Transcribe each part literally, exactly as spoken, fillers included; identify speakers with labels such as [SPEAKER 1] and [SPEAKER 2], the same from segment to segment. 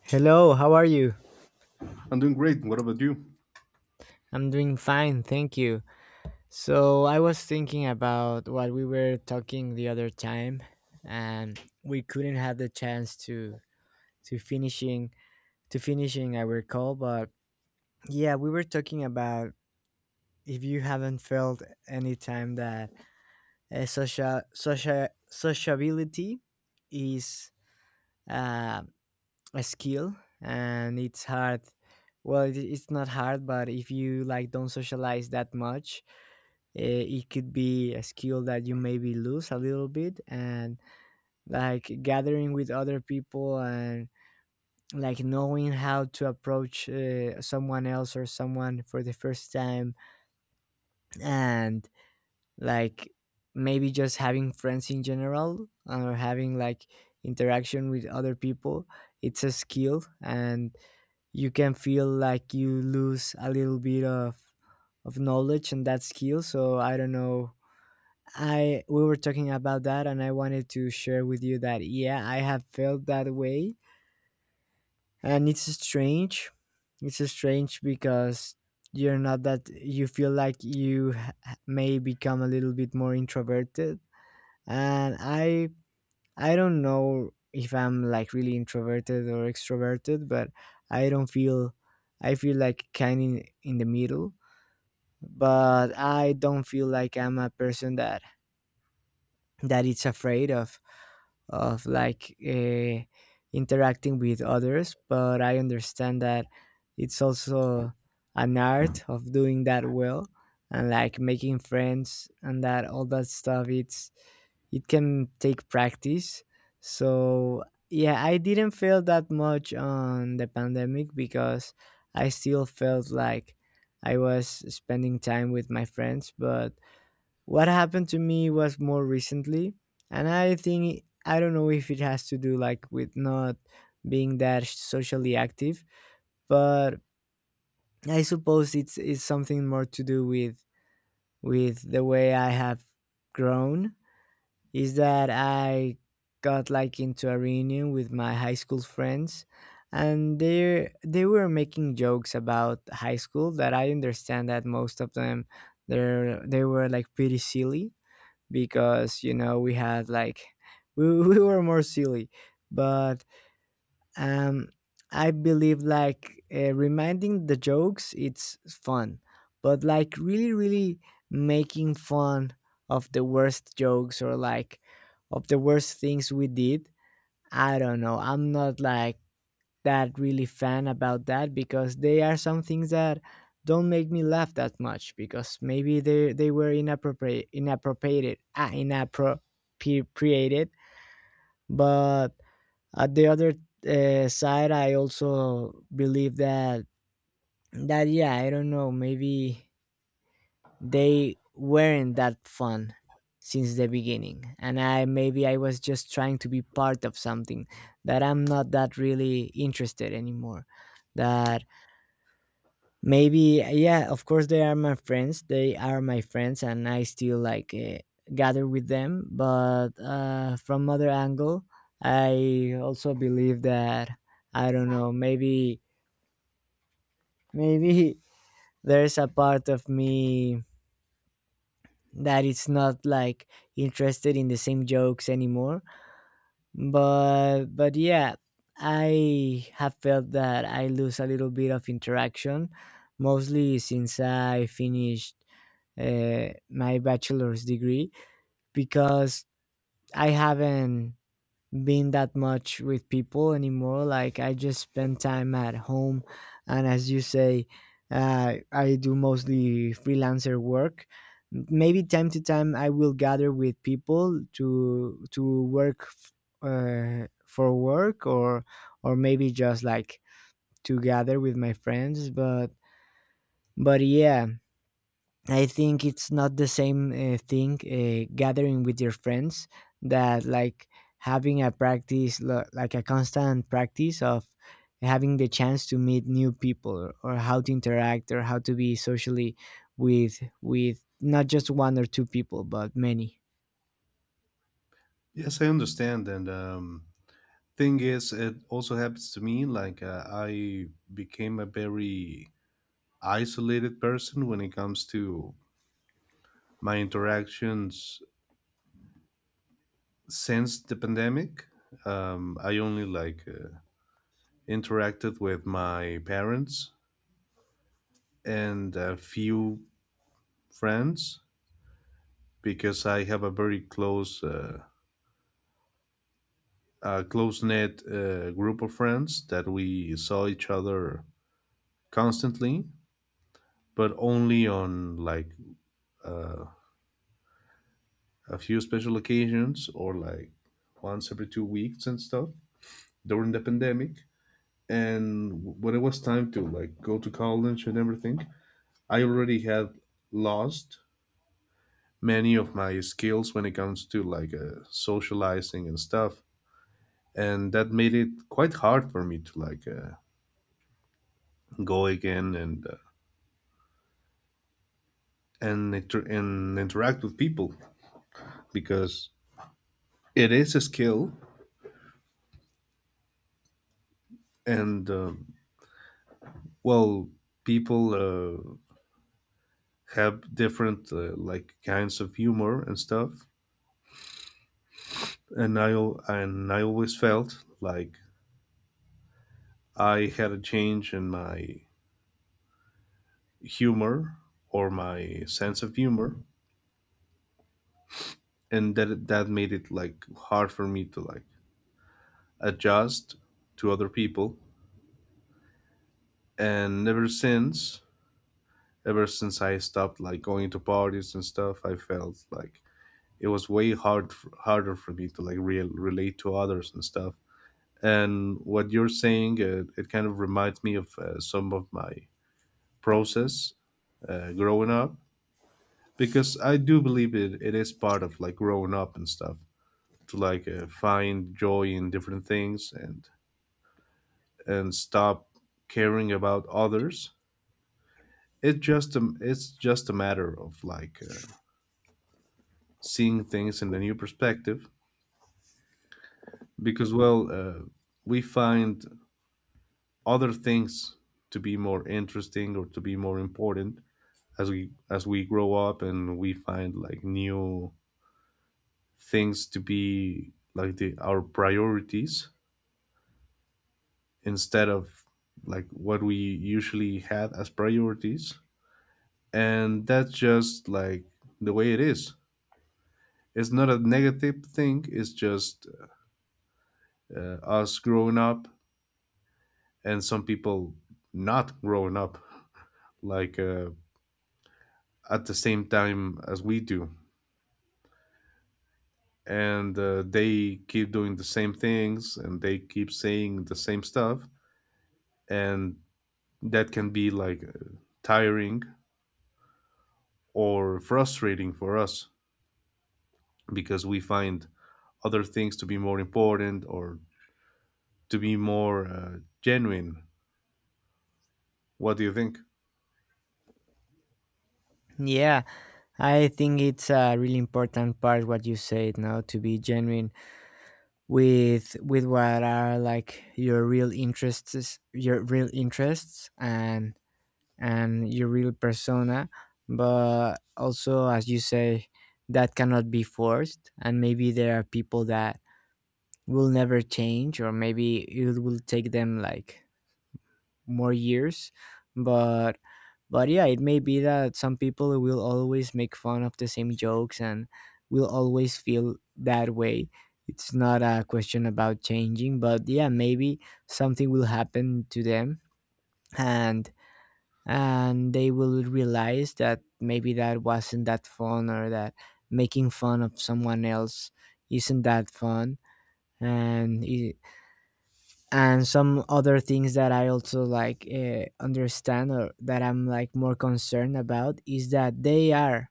[SPEAKER 1] Hello, how are you?
[SPEAKER 2] I'm doing great. What about you?
[SPEAKER 1] I'm doing fine, thank you. So, I was thinking about what we were talking the other time and we couldn't have the chance to to finishing to finishing our call, but yeah, we were talking about if you haven't felt any time that uh, social social sociability is uh, a skill, and it's hard, well, it, it's not hard, but if you like don't socialize that much, eh, it could be a skill that you maybe lose a little bit, and like gathering with other people, and like knowing how to approach uh, someone else or someone for the first time, and like maybe just having friends in general, or having like interaction with other people. It's a skill, and you can feel like you lose a little bit of of knowledge and that skill, so I don't know. I We were talking about that and I wanted to share with you that yeah, I have felt that way, and it's strange. It's strange because you're not, that you feel like you ha- may become a little bit more introverted. And I I don't know if I'm like really introverted or extroverted, but I don't feel, I feel like kind in, in the middle, but I don't feel like I'm a person that that is afraid of of like uh, interacting with others, but I understand that it's also an art of doing that well, and like making friends and that all that stuff, it's, it can take practice. So yeah, I didn't feel that much on the pandemic, because I still felt like I was spending time with my friends, but what happened to me was more recently. And I think, I don't know if it has to do like with not being that socially active, but I suppose it's it's something more to do with with the way I have grown, is that I got like into a reunion with my high school friends, and they they were making jokes about high school that I understand that most of them, they they were like pretty silly, because you know we had like we, we were more silly. But um I believe like uh, reminding the jokes, it's fun, but like really really making fun of the worst jokes, or like of the worst things we did. I don't know, I'm not like that really fan about that, because they are some things that don't make me laugh that much, because maybe they they were inappropriate inappropriated ah, inappropriated. But at the other uh, side, I also believe that that yeah, I don't know, maybe they weren't that fun since the beginning, and I, maybe I was just trying to be part of something that I'm not that really interested anymore, that maybe, yeah, of course they are my friends, they are my friends, and I still like uh, gather with them, but uh, from other angle, I also believe that I don't know, maybe, maybe there's a part of me that it's not like interested in the same jokes anymore. But but yeah, I have felt that I lose a little bit of interaction, mostly since I finished uh, my bachelor's degree, because I haven't been that much with people anymore. Like I just spend time at home, and as you say, uh, I do mostly freelancer work. Maybe time to time I will gather with people to to work f- uh, for work, or or maybe just like to gather with my friends, but but yeah, I think it's not the same uh, thing, uh, gathering with your friends, that like having a practice lo- like a constant practice of having the chance to meet new people, or or how to interact, or how to be socially with with not just one or two people but many.
[SPEAKER 2] Yes, I understand. And um, thing is, it also happens to me. Like uh, I became a very isolated person when it comes to my interactions since the pandemic. Um, I only like uh, interacted with my parents and a few friends because I have a very close, uh, a close knit uh, group of friends that we saw each other constantly, but only on like uh, a few special occasions, or like once every two weeks and stuff during the pandemic. And when it was time to like go to college and everything, I already had lost many of my skills when it comes to like uh, socializing and stuff, and that made it quite hard for me to like uh, go again and uh, and inter- and interact with people because it is a skill. And um well people uh, have different uh, like kinds of humor and stuff, and i al- and I always felt like I had a change in my humor or my sense of humor, and that that made it like hard for me to like adjust to other people. And ever since ever since I stopped like going to parties and stuff, I felt like it was way hard harder for me to like real relate to others and stuff. And what you're saying, it, it kind of reminds me of uh, some of my process uh, growing up, because I do believe it, it is part of like growing up and stuff to like uh, find joy in different things, and and stop caring about others. It just um, it's just a matter of like uh, seeing things in a new perspective, because well uh, we find other things to be more interesting or to be more important as we as we grow up, and we find like new things to be like the our priorities instead of like what we usually had as priorities. And that's just like the way it is. It's not a negative thing, it's just uh, us growing up, and some people not growing up like uh, at the same time as we do. And uh, they keep doing the same things and they keep saying the same stuff, and that can be like uh, tiring or frustrating for us because we find other things to be more important or to be more uh, genuine. What do you think?
[SPEAKER 1] Yeah, I think it's a really important part what you said now, to be genuine with with what are like your real interests, your real interests and and your real persona, but also as you say, that cannot be forced, and maybe there are people that will never change, or maybe it will take them like more years. But but yeah, it may be that some people will always make fun of the same jokes and will always feel that way. It's not a question about changing, but yeah, maybe something will happen to them, and and they will realize that maybe that wasn't that fun, or that making fun of someone else isn't that fun. And it, and some other things that I also like uh, understand, or that I'm like more concerned about, is that they are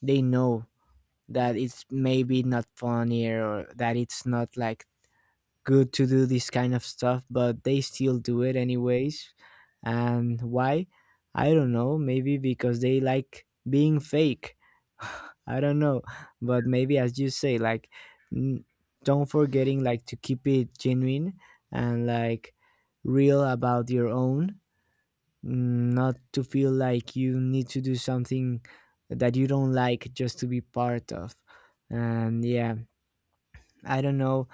[SPEAKER 1] they know that it's maybe not funny, or that it's not like good to do this kind of stuff, but they still do it anyways. And why? I don't know. Maybe because they like being fake. I don't know. But maybe as you say, like n- don't forgetting like to keep it genuine, and like real about your own, mm, not to feel like you need to do something that you don't like just to be part of. And yeah, I don't know,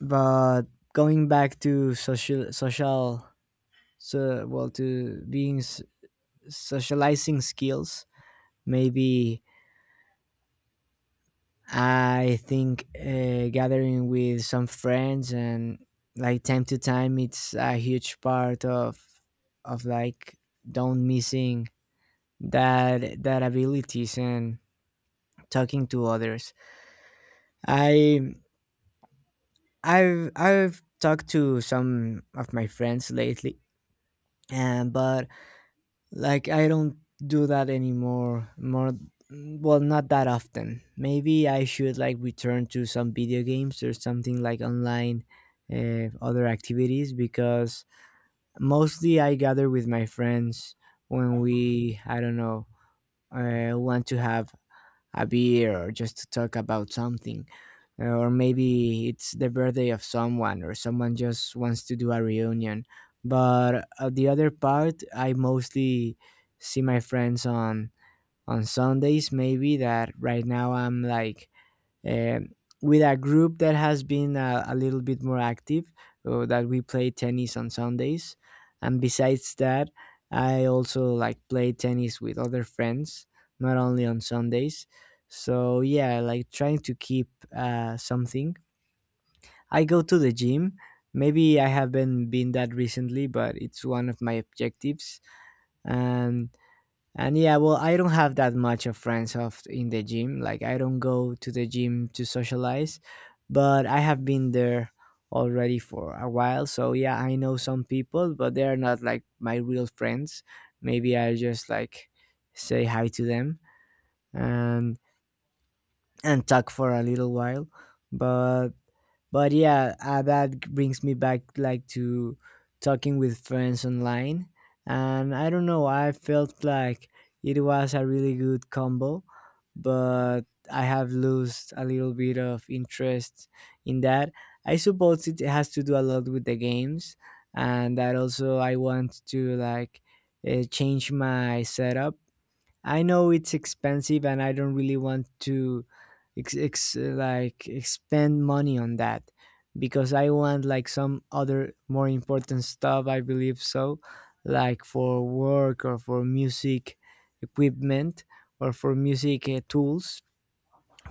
[SPEAKER 1] but going back to social social so well, to being s- socializing skills, maybe, I think uh, gathering with some friends and like time to time, it's a huge part of of like don't missing that that abilities, and talking to others. I i've i've talked to some of my friends lately, and but, like I don't do that anymore. More, well, not that often. Maybe I should like return to some video games or something, like online uh, other activities, because mostly I gather with my friends when we, I don't know, uh, want to have a beer, or just to talk about something. Or maybe it's the birthday of someone, or someone just wants to do a reunion. But uh, the other part, I mostly see my friends on on Sundays, maybe that right now I'm like, um with a group that has been a, a little bit more active, uh, that we play tennis on Sundays. And besides that, I also like play tennis with other friends, not only on Sundays. So yeah, like trying to keep uh, something. I go to the gym. Maybe I haven't been that recently, but it's one of my objectives. And and yeah, well, I don't have that much of friends of in the gym. Like I don't go to the gym to socialize, but I have been there already for a while. So yeah, I know some people, but they are not like my real friends. Maybe I just like say hi to them, and and talk for a little while. But but yeah, uh, that brings me back like to talking with friends online, and I don't know, I felt like it was a really good combo, but I have lost a little bit of interest in that. I suppose it has to do a lot with the games, and that also I want to like uh, change my setup. I know it's expensive and I don't really want to ex- ex- like expend money on that, because I want like some other more important stuff I believe, so like for work, or for music equipment, or for music uh, tools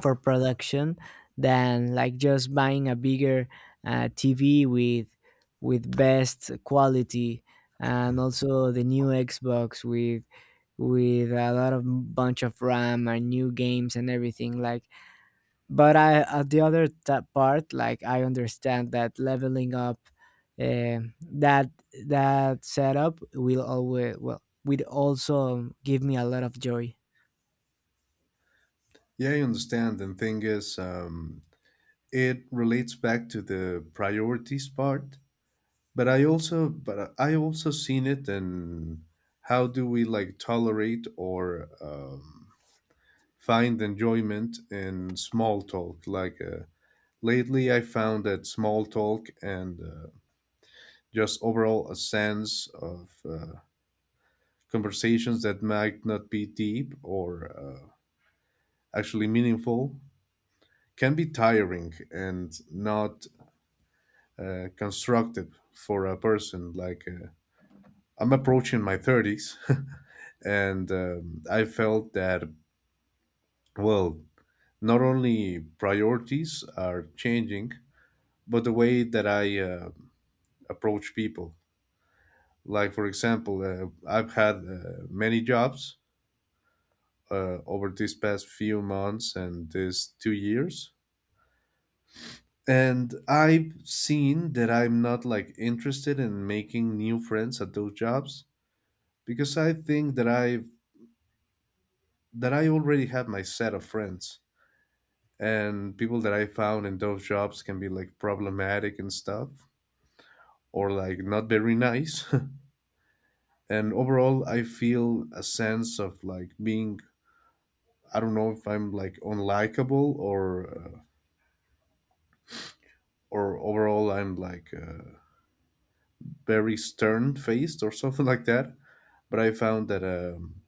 [SPEAKER 1] for production, than like just buying a bigger uh, T V with with best quality, and also the new Xbox with with a lot of bunch of RAM and new games and everything. Like, but I, at the other ta part, like I understand that leveling up uh, that that setup will always, well, would also give me a lot of joy.
[SPEAKER 2] Yeah, I understand. And thing is um, it relates back to the priorities part. But I also but I also seen it. And how do we like tolerate or um, find enjoyment in small talk? Like uh, lately, I found that small talk and uh, just overall a sense of uh, conversations that might not be deep or uh, actually meaningful can be tiring and not uh, constructive for a person. Like uh, I'm approaching my thirties. and um, I felt that, well, not only priorities are changing, but the way that I uh, approach people. Like, for example, uh, I've had uh, many jobs uh, over these past few months and these two years. And I've seen that I'm not like interested in making new friends at those jobs, because I think that I that I already have my set of friends, and people that I found in those jobs can be like problematic and stuff, or like not very nice. and Overall, I feel a sense of like being, I don't know if I'm like unlikable or uh, or overall I'm like uh, very stern faced or something like that. But I found that um,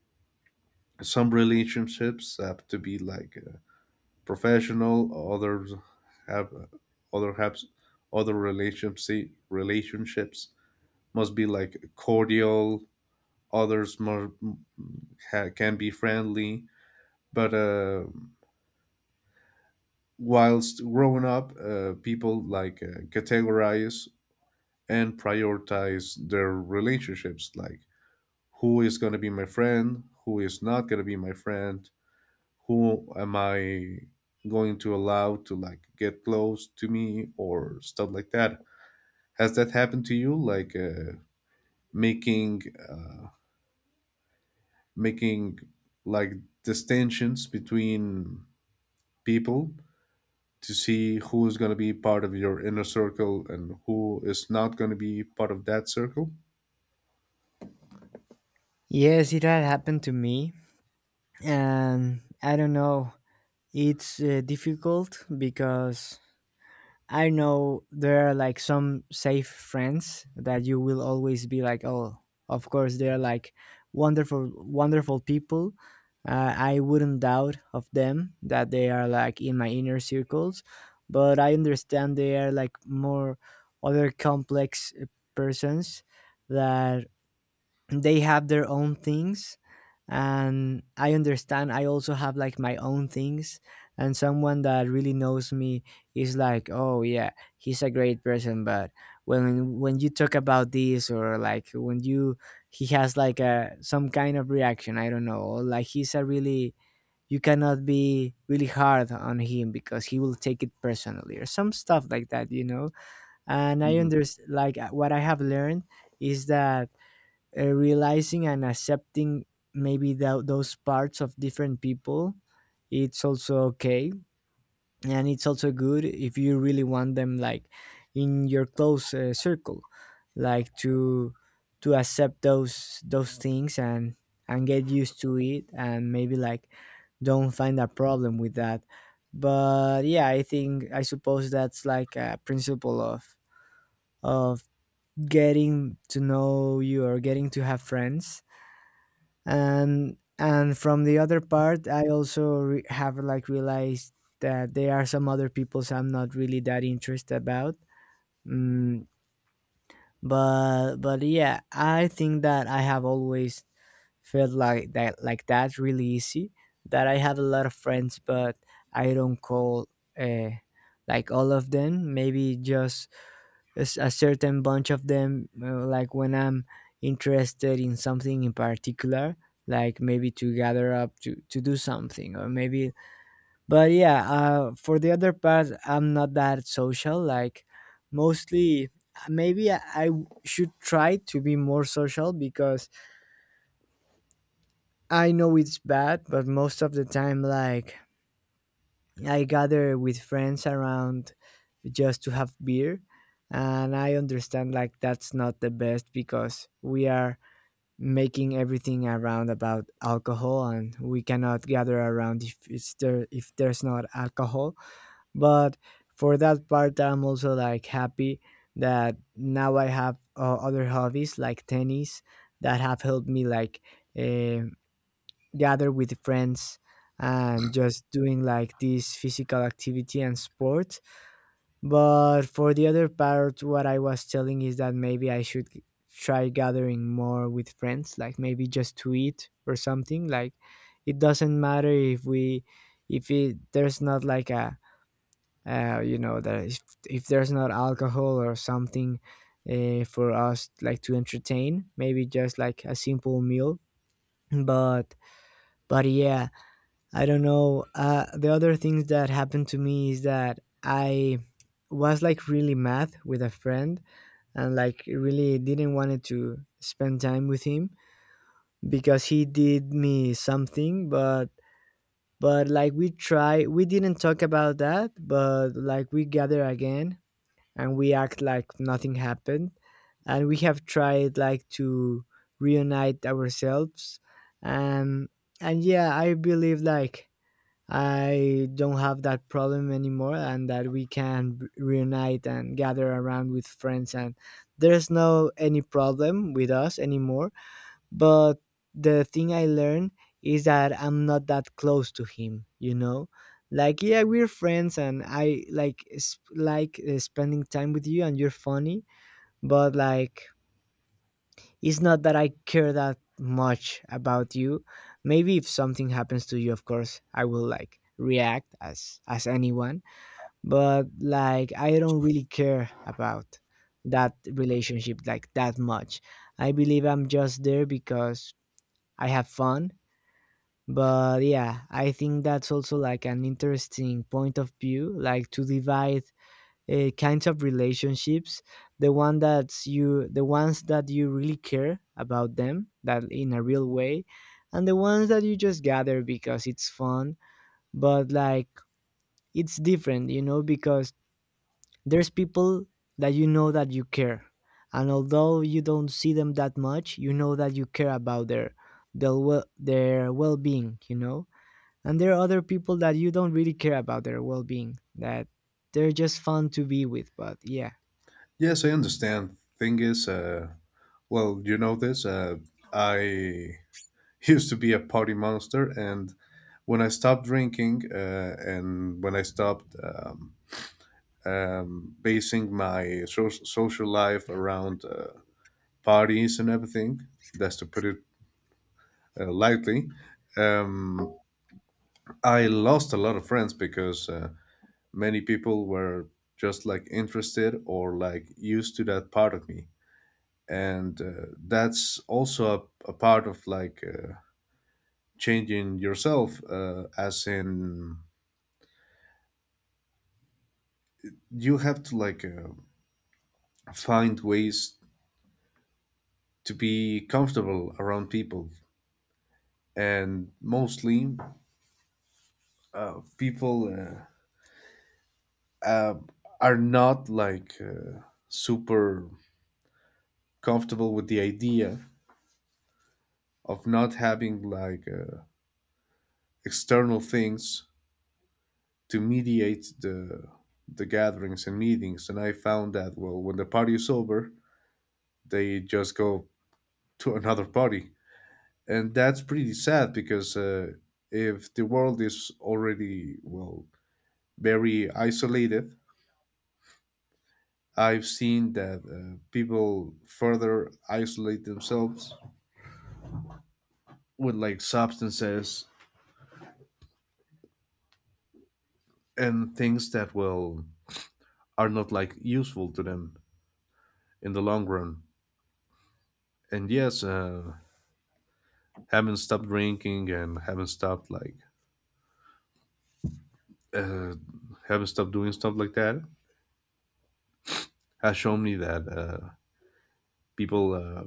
[SPEAKER 2] some relationships have to be like uh, professional, others have uh, other have other relationships relationships must be like cordial, others more ha, can be friendly. But uh, whilst growing up, uh, people like uh, categorize and prioritize their relationships, like who is going to be my friend, who is not going to be my friend, who am I going to allow to like get close to me or stuff like that. Has that happened to you, like uh, making uh, making like distinctions between people to see who is going to be part of your inner circle and who is not going to be part of that circle?
[SPEAKER 1] Yes, it had happened to me, and I don't know. It's uh, difficult because I know there are like some safe friends that you will always be like, oh, of course they are like wonderful, wonderful people. Uh, I wouldn't doubt of them that they are like in my inner circles, but I understand they are like more other complex uh, persons that they have their own things, and I understand I also have like my own things. And someone that really knows me is like, oh yeah, he's a great person, but when when you talk about this, or like when you, he has like a some kind of reaction, I don't know, or like he's a really, you cannot be really hard on him because he will take it personally or some stuff like that, you know. And I
[SPEAKER 2] Hmm.
[SPEAKER 1] understand, like, what I have learned is that uh, realizing and accepting maybe tho- those parts of different people, it's also okay, and it's also good, if you really want them like in your close uh, circle, like to to accept those those things, and and get used to it, and maybe like don't find a problem with that. But yeah, I think, I suppose that's like a principle of of getting to know you, or getting to have friends. and and from the other part, I also re- have like realized that there are some other peoples I'm not really that interested about. mm, but but yeah, I think that I have always felt like that, like that really easy, that I have a lot of friends, but I don't call uh, like all of them, maybe just a, s- a certain bunch of them, uh, like when I'm interested in something in particular, like maybe to gather up to, to do something, or maybe. But yeah, uh, for the other part, I'm not that social, like mostly. Uh, maybe I I should try to be more social, because I know it's bad, but most of the time, like, I gather with friends around just to have beer. And I understand, like, that's not the best, because we are making everything around about alcohol, and we cannot gather around if it's there, if there's not alcohol. But for that part, I'm also like happy that now I have uh, other hobbies like tennis, that have helped me like eh, gather with friends, and just doing like this physical activity and sport. But for the other part, what I was telling is that maybe I should g- try gathering more with friends, like maybe just to eat or something. Like, it doesn't matter if we, if it, there's not like a, uh, you know, that if, if there's not alcohol or something uh, for us like to entertain, maybe just like a simple meal. But, but yeah, I don't know. Uh, the other things that happened to me is that I was like really mad with a friend, and like really didn't wanted to spend time with him, because he did me something, but but like, we try, we didn't talk about that, but like we gather again, and we act like nothing happened. And we have tried like to reunite ourselves, and and yeah, I believe like I don't have that problem anymore, and that we can b- reunite and gather around with friends. And there's no any problem with us anymore. But the thing I learned is that I'm not that close to him. You know, like yeah, we're friends, and I like sp- like uh, spending time with you, and you're funny. But like, it's not that I care that much about you. Maybe if something happens to you, of course I will like react as as anyone, but like, I don't really care about that relationship like that much. I believe I'm just there because I have fun. But yeah, I think that's also like an interesting point of view, like to divide uh, kinds of relationships, the one that's you, the ones that you really care about them, that in a real way, and the ones that you just gather because it's fun. But like, it's different, you know, because there's people that you know that you care, and although you don't see them that much, you know that you care about their their, well, their well-being, you know. And there are other people that you don't really care about their well-being, that they're just fun to be with. But yeah.
[SPEAKER 2] Yes, I understand. Thing is, uh, well, you know this. Uh, I used to be a party monster, and when I stopped drinking, uh, and when I stopped um, um, basing my so- social life around uh, parties and everything, that's to put it uh, lightly. Um, I lost a lot of friends because uh, many people were just like interested or like used to that part of me. And uh, that's also a, a part of like uh, changing yourself, uh, as in you have to like uh, find ways to be comfortable around people. And mostly, uh, people uh, uh, are not like uh, super comfortable with the idea of not having like uh, external things to mediate the the gatherings and meetings. And I found that, well, when the party is over, they just go to another party, and that's pretty sad. Because uh, if the world is already, well, very isolated, I've seen that uh, people further isolate themselves with like substances and things that will are not like useful to them in the long run. And yes, uh, haven't stopped drinking and haven't stopped like uh, haven't stopped doing stuff like that has shown me that uh, people uh,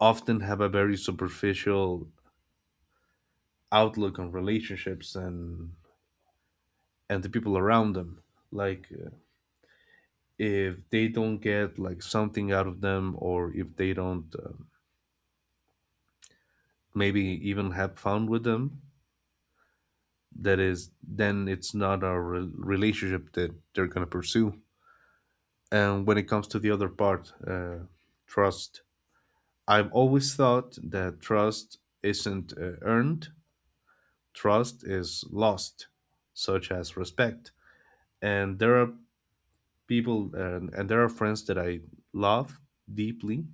[SPEAKER 2] often have a very superficial outlook on relationships and and the people around them. Like uh, if they don't get like something out of them, or if they don't um maybe even have fun with them, that is then it's not a re- relationship that they're going to pursue. And when it comes to the other part, uh, trust, I've always thought that trust isn't uh, earned, trust is lost, such as respect. And there are people and, and there are friends that I love deeply,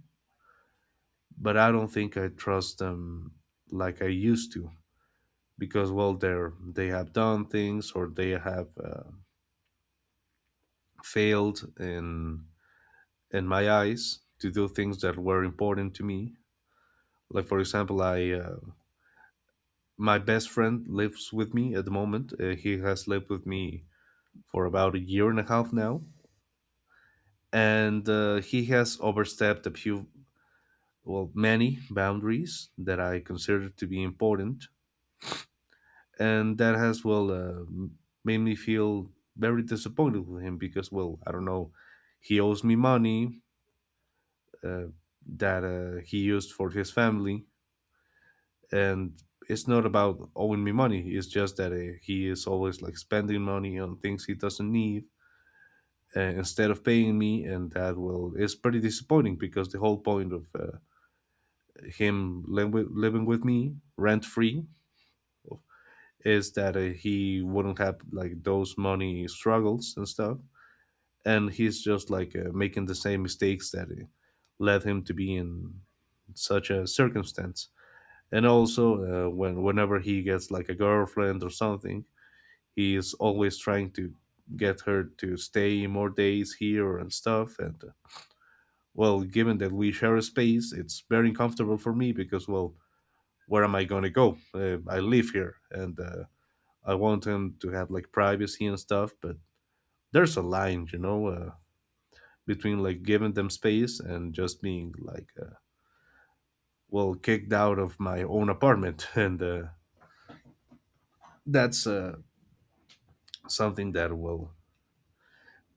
[SPEAKER 2] but I don't think I trust them like I used to, because well they're they have done things, or they have uh, failed in in my eyes to do things that were important to me. Like for example, I uh, my best friend lives with me at the moment. Uh, he has lived with me for about a year and a half now, and uh, he has overstepped a few, well, many boundaries that I consider to be important, and that has well uh, made me feel very disappointed with him, because well, I don't know, he owes me money. Uh, that uh, he used for his family. And it's not about owing me money, it's just that uh, he is always like spending money on things he doesn't need uh, instead of paying me, and that will is pretty disappointing, because the whole point of uh, him li- wi- living with me rent free is that uh, he wouldn't have like those money struggles and stuff, and he's just like uh, making the same mistakes that uh, led him to be in such a circumstance. And also uh, when whenever he gets like a girlfriend or something, he is always trying to get her to stay more days here and stuff. And uh, well, given that we share a space, it's very uncomfortable for me, because well, where am I going to go? uh, I live here, and uh, I want him to have like privacy and stuff, but there's a line, you know, uh, between like giving them space and just being like uh, well, kicked out of my own apartment. And uh, that's uh, something that, well,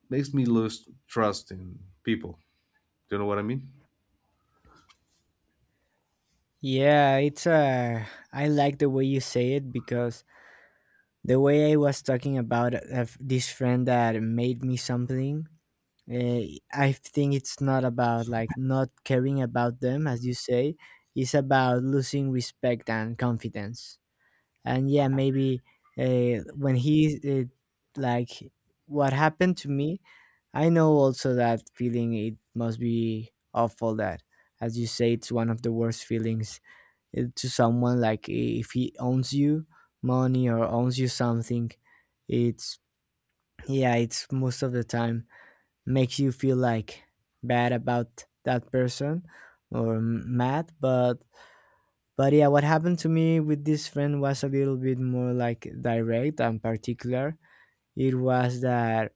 [SPEAKER 2] makes me lose trust in people. Do you know what I mean?
[SPEAKER 1] Yeah, it's uh, I like the way you say it, because the way I was talking about uh, this friend that made me something, uh, I think it's not about like not caring about them, as you say. It's about losing respect and confidence. And yeah, maybe uh, when he uh, like, what happened to me, I know also that feeling, it must be awful, that as you say, it's one of the worst feelings it, to someone, like if he owns you money, or owns you something, it's, yeah, it's most of the time makes you feel like bad about that person, or m- mad. but but yeah, what happened to me with this friend was a little bit more like direct and particular. It was that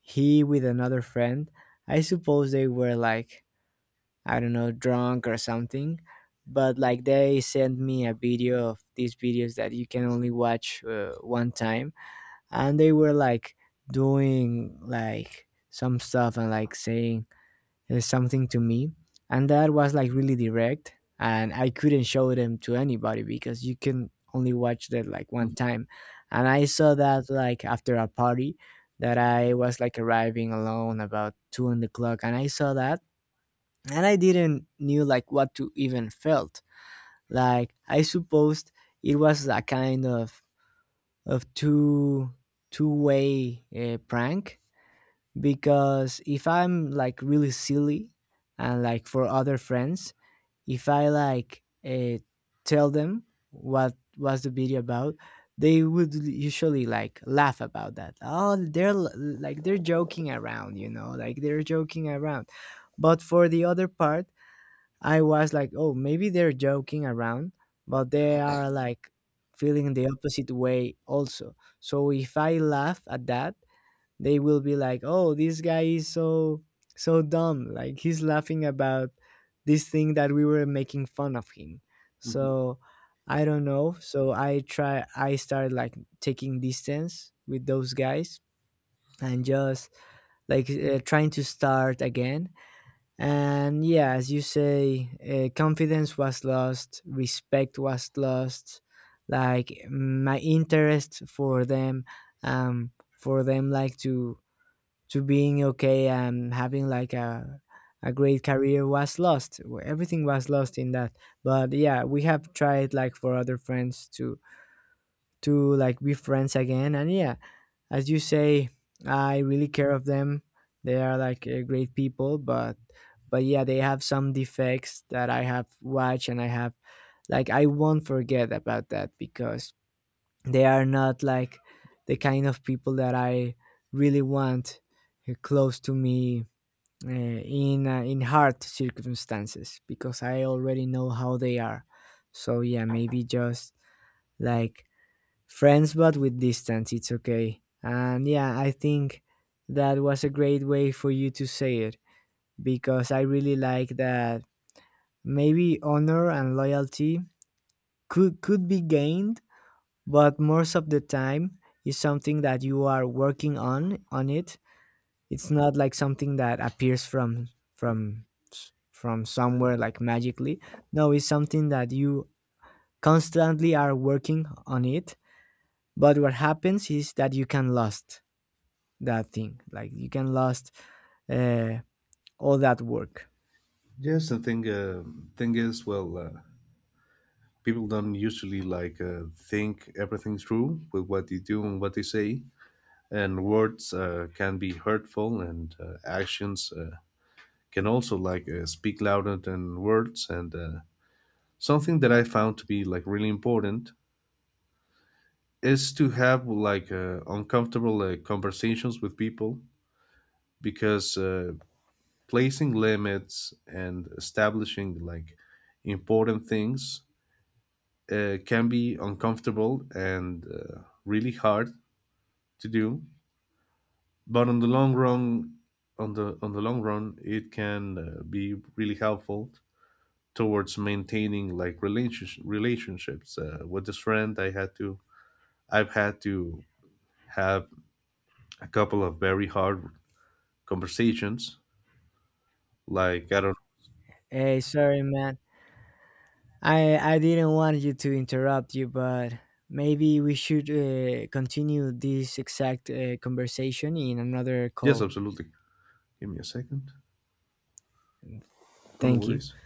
[SPEAKER 1] he, with another friend, I suppose they were like, I don't know, drunk or something. But like, they sent me a video of these videos that you can only watch uh, one time, and they were like doing like some stuff and like saying uh, something to me, and that was like really direct, and I couldn't show them to anybody because you can only watch that like one time. And I saw that like after a party that I was like arriving alone about two in the clock, and I saw that, and I didn't knew like what to even felt. Like, I supposed it was a kind of of two two way uh, prank, because if I'm like really silly, and like for other friends, if I like uh, tell them what was the video about, they would usually like laugh about that. Oh, they're l- like they're joking around, you know, like they're joking around. But for the other part, I was like, oh, maybe they're joking around, but they are like feeling the opposite way also. So if I laugh at that, they will be like, oh, this guy is so, so dumb. Like, he's laughing about this thing that we were making fun of him.
[SPEAKER 2] Mhm.
[SPEAKER 1] So I don't know. So I try, I started like taking distance with those guys, and just like uh, trying to start again. And yeah, as you say, uh, confidence was lost, respect was lost, like my interest for them, um, for them like to to being okay and having like a a great career was lost. Everything was lost in that. But yeah, we have tried like for other friends to to like be friends again, and yeah, as you say, I really care of them. They are like uh, great people, but but yeah, they have some defects that I have watched, and I have like, I won't forget about that, because they are not like the kind of people that I really want uh, close to me uh, in uh, in hard circumstances, because I already know how they are. So yeah, maybe just like friends but with distance, it's okay. And yeah, I think that was a great way for you to say it, because I really like that. Maybe honor and loyalty could could be gained, but most of the time, is something that you are working on on it. It's not like something that appears from from s- from somewhere like magically. No, it's something that you constantly are working on it. But what happens is that you can lost that thing. Like, you can lost uh, all that work.
[SPEAKER 2] Yes, and thing uh, thing is, well, uh, people don't usually like uh, think everything through with what they do and what they say, and words uh, can be hurtful, and uh, actions uh, can also like uh, speak louder than words. And uh, something that I found to be like really important is to have like uh, uncomfortable uh, conversations with people, because uh, placing limits and establishing like important things uh, can be uncomfortable and uh, really hard to do. But on the long run on the on the long run, it can uh, be really helpful towards maintaining like relationship relationships. Uh, with this friend i had to I've had to have a couple of very hard conversations, like I don't—
[SPEAKER 1] Hey, sorry, man. I I didn't want you to interrupt you, but maybe we should uh, continue this exact uh, conversation in another
[SPEAKER 2] Yes,
[SPEAKER 1] call.
[SPEAKER 2] absolutely. Give me a second. No
[SPEAKER 1] Thank you.
[SPEAKER 2] worries.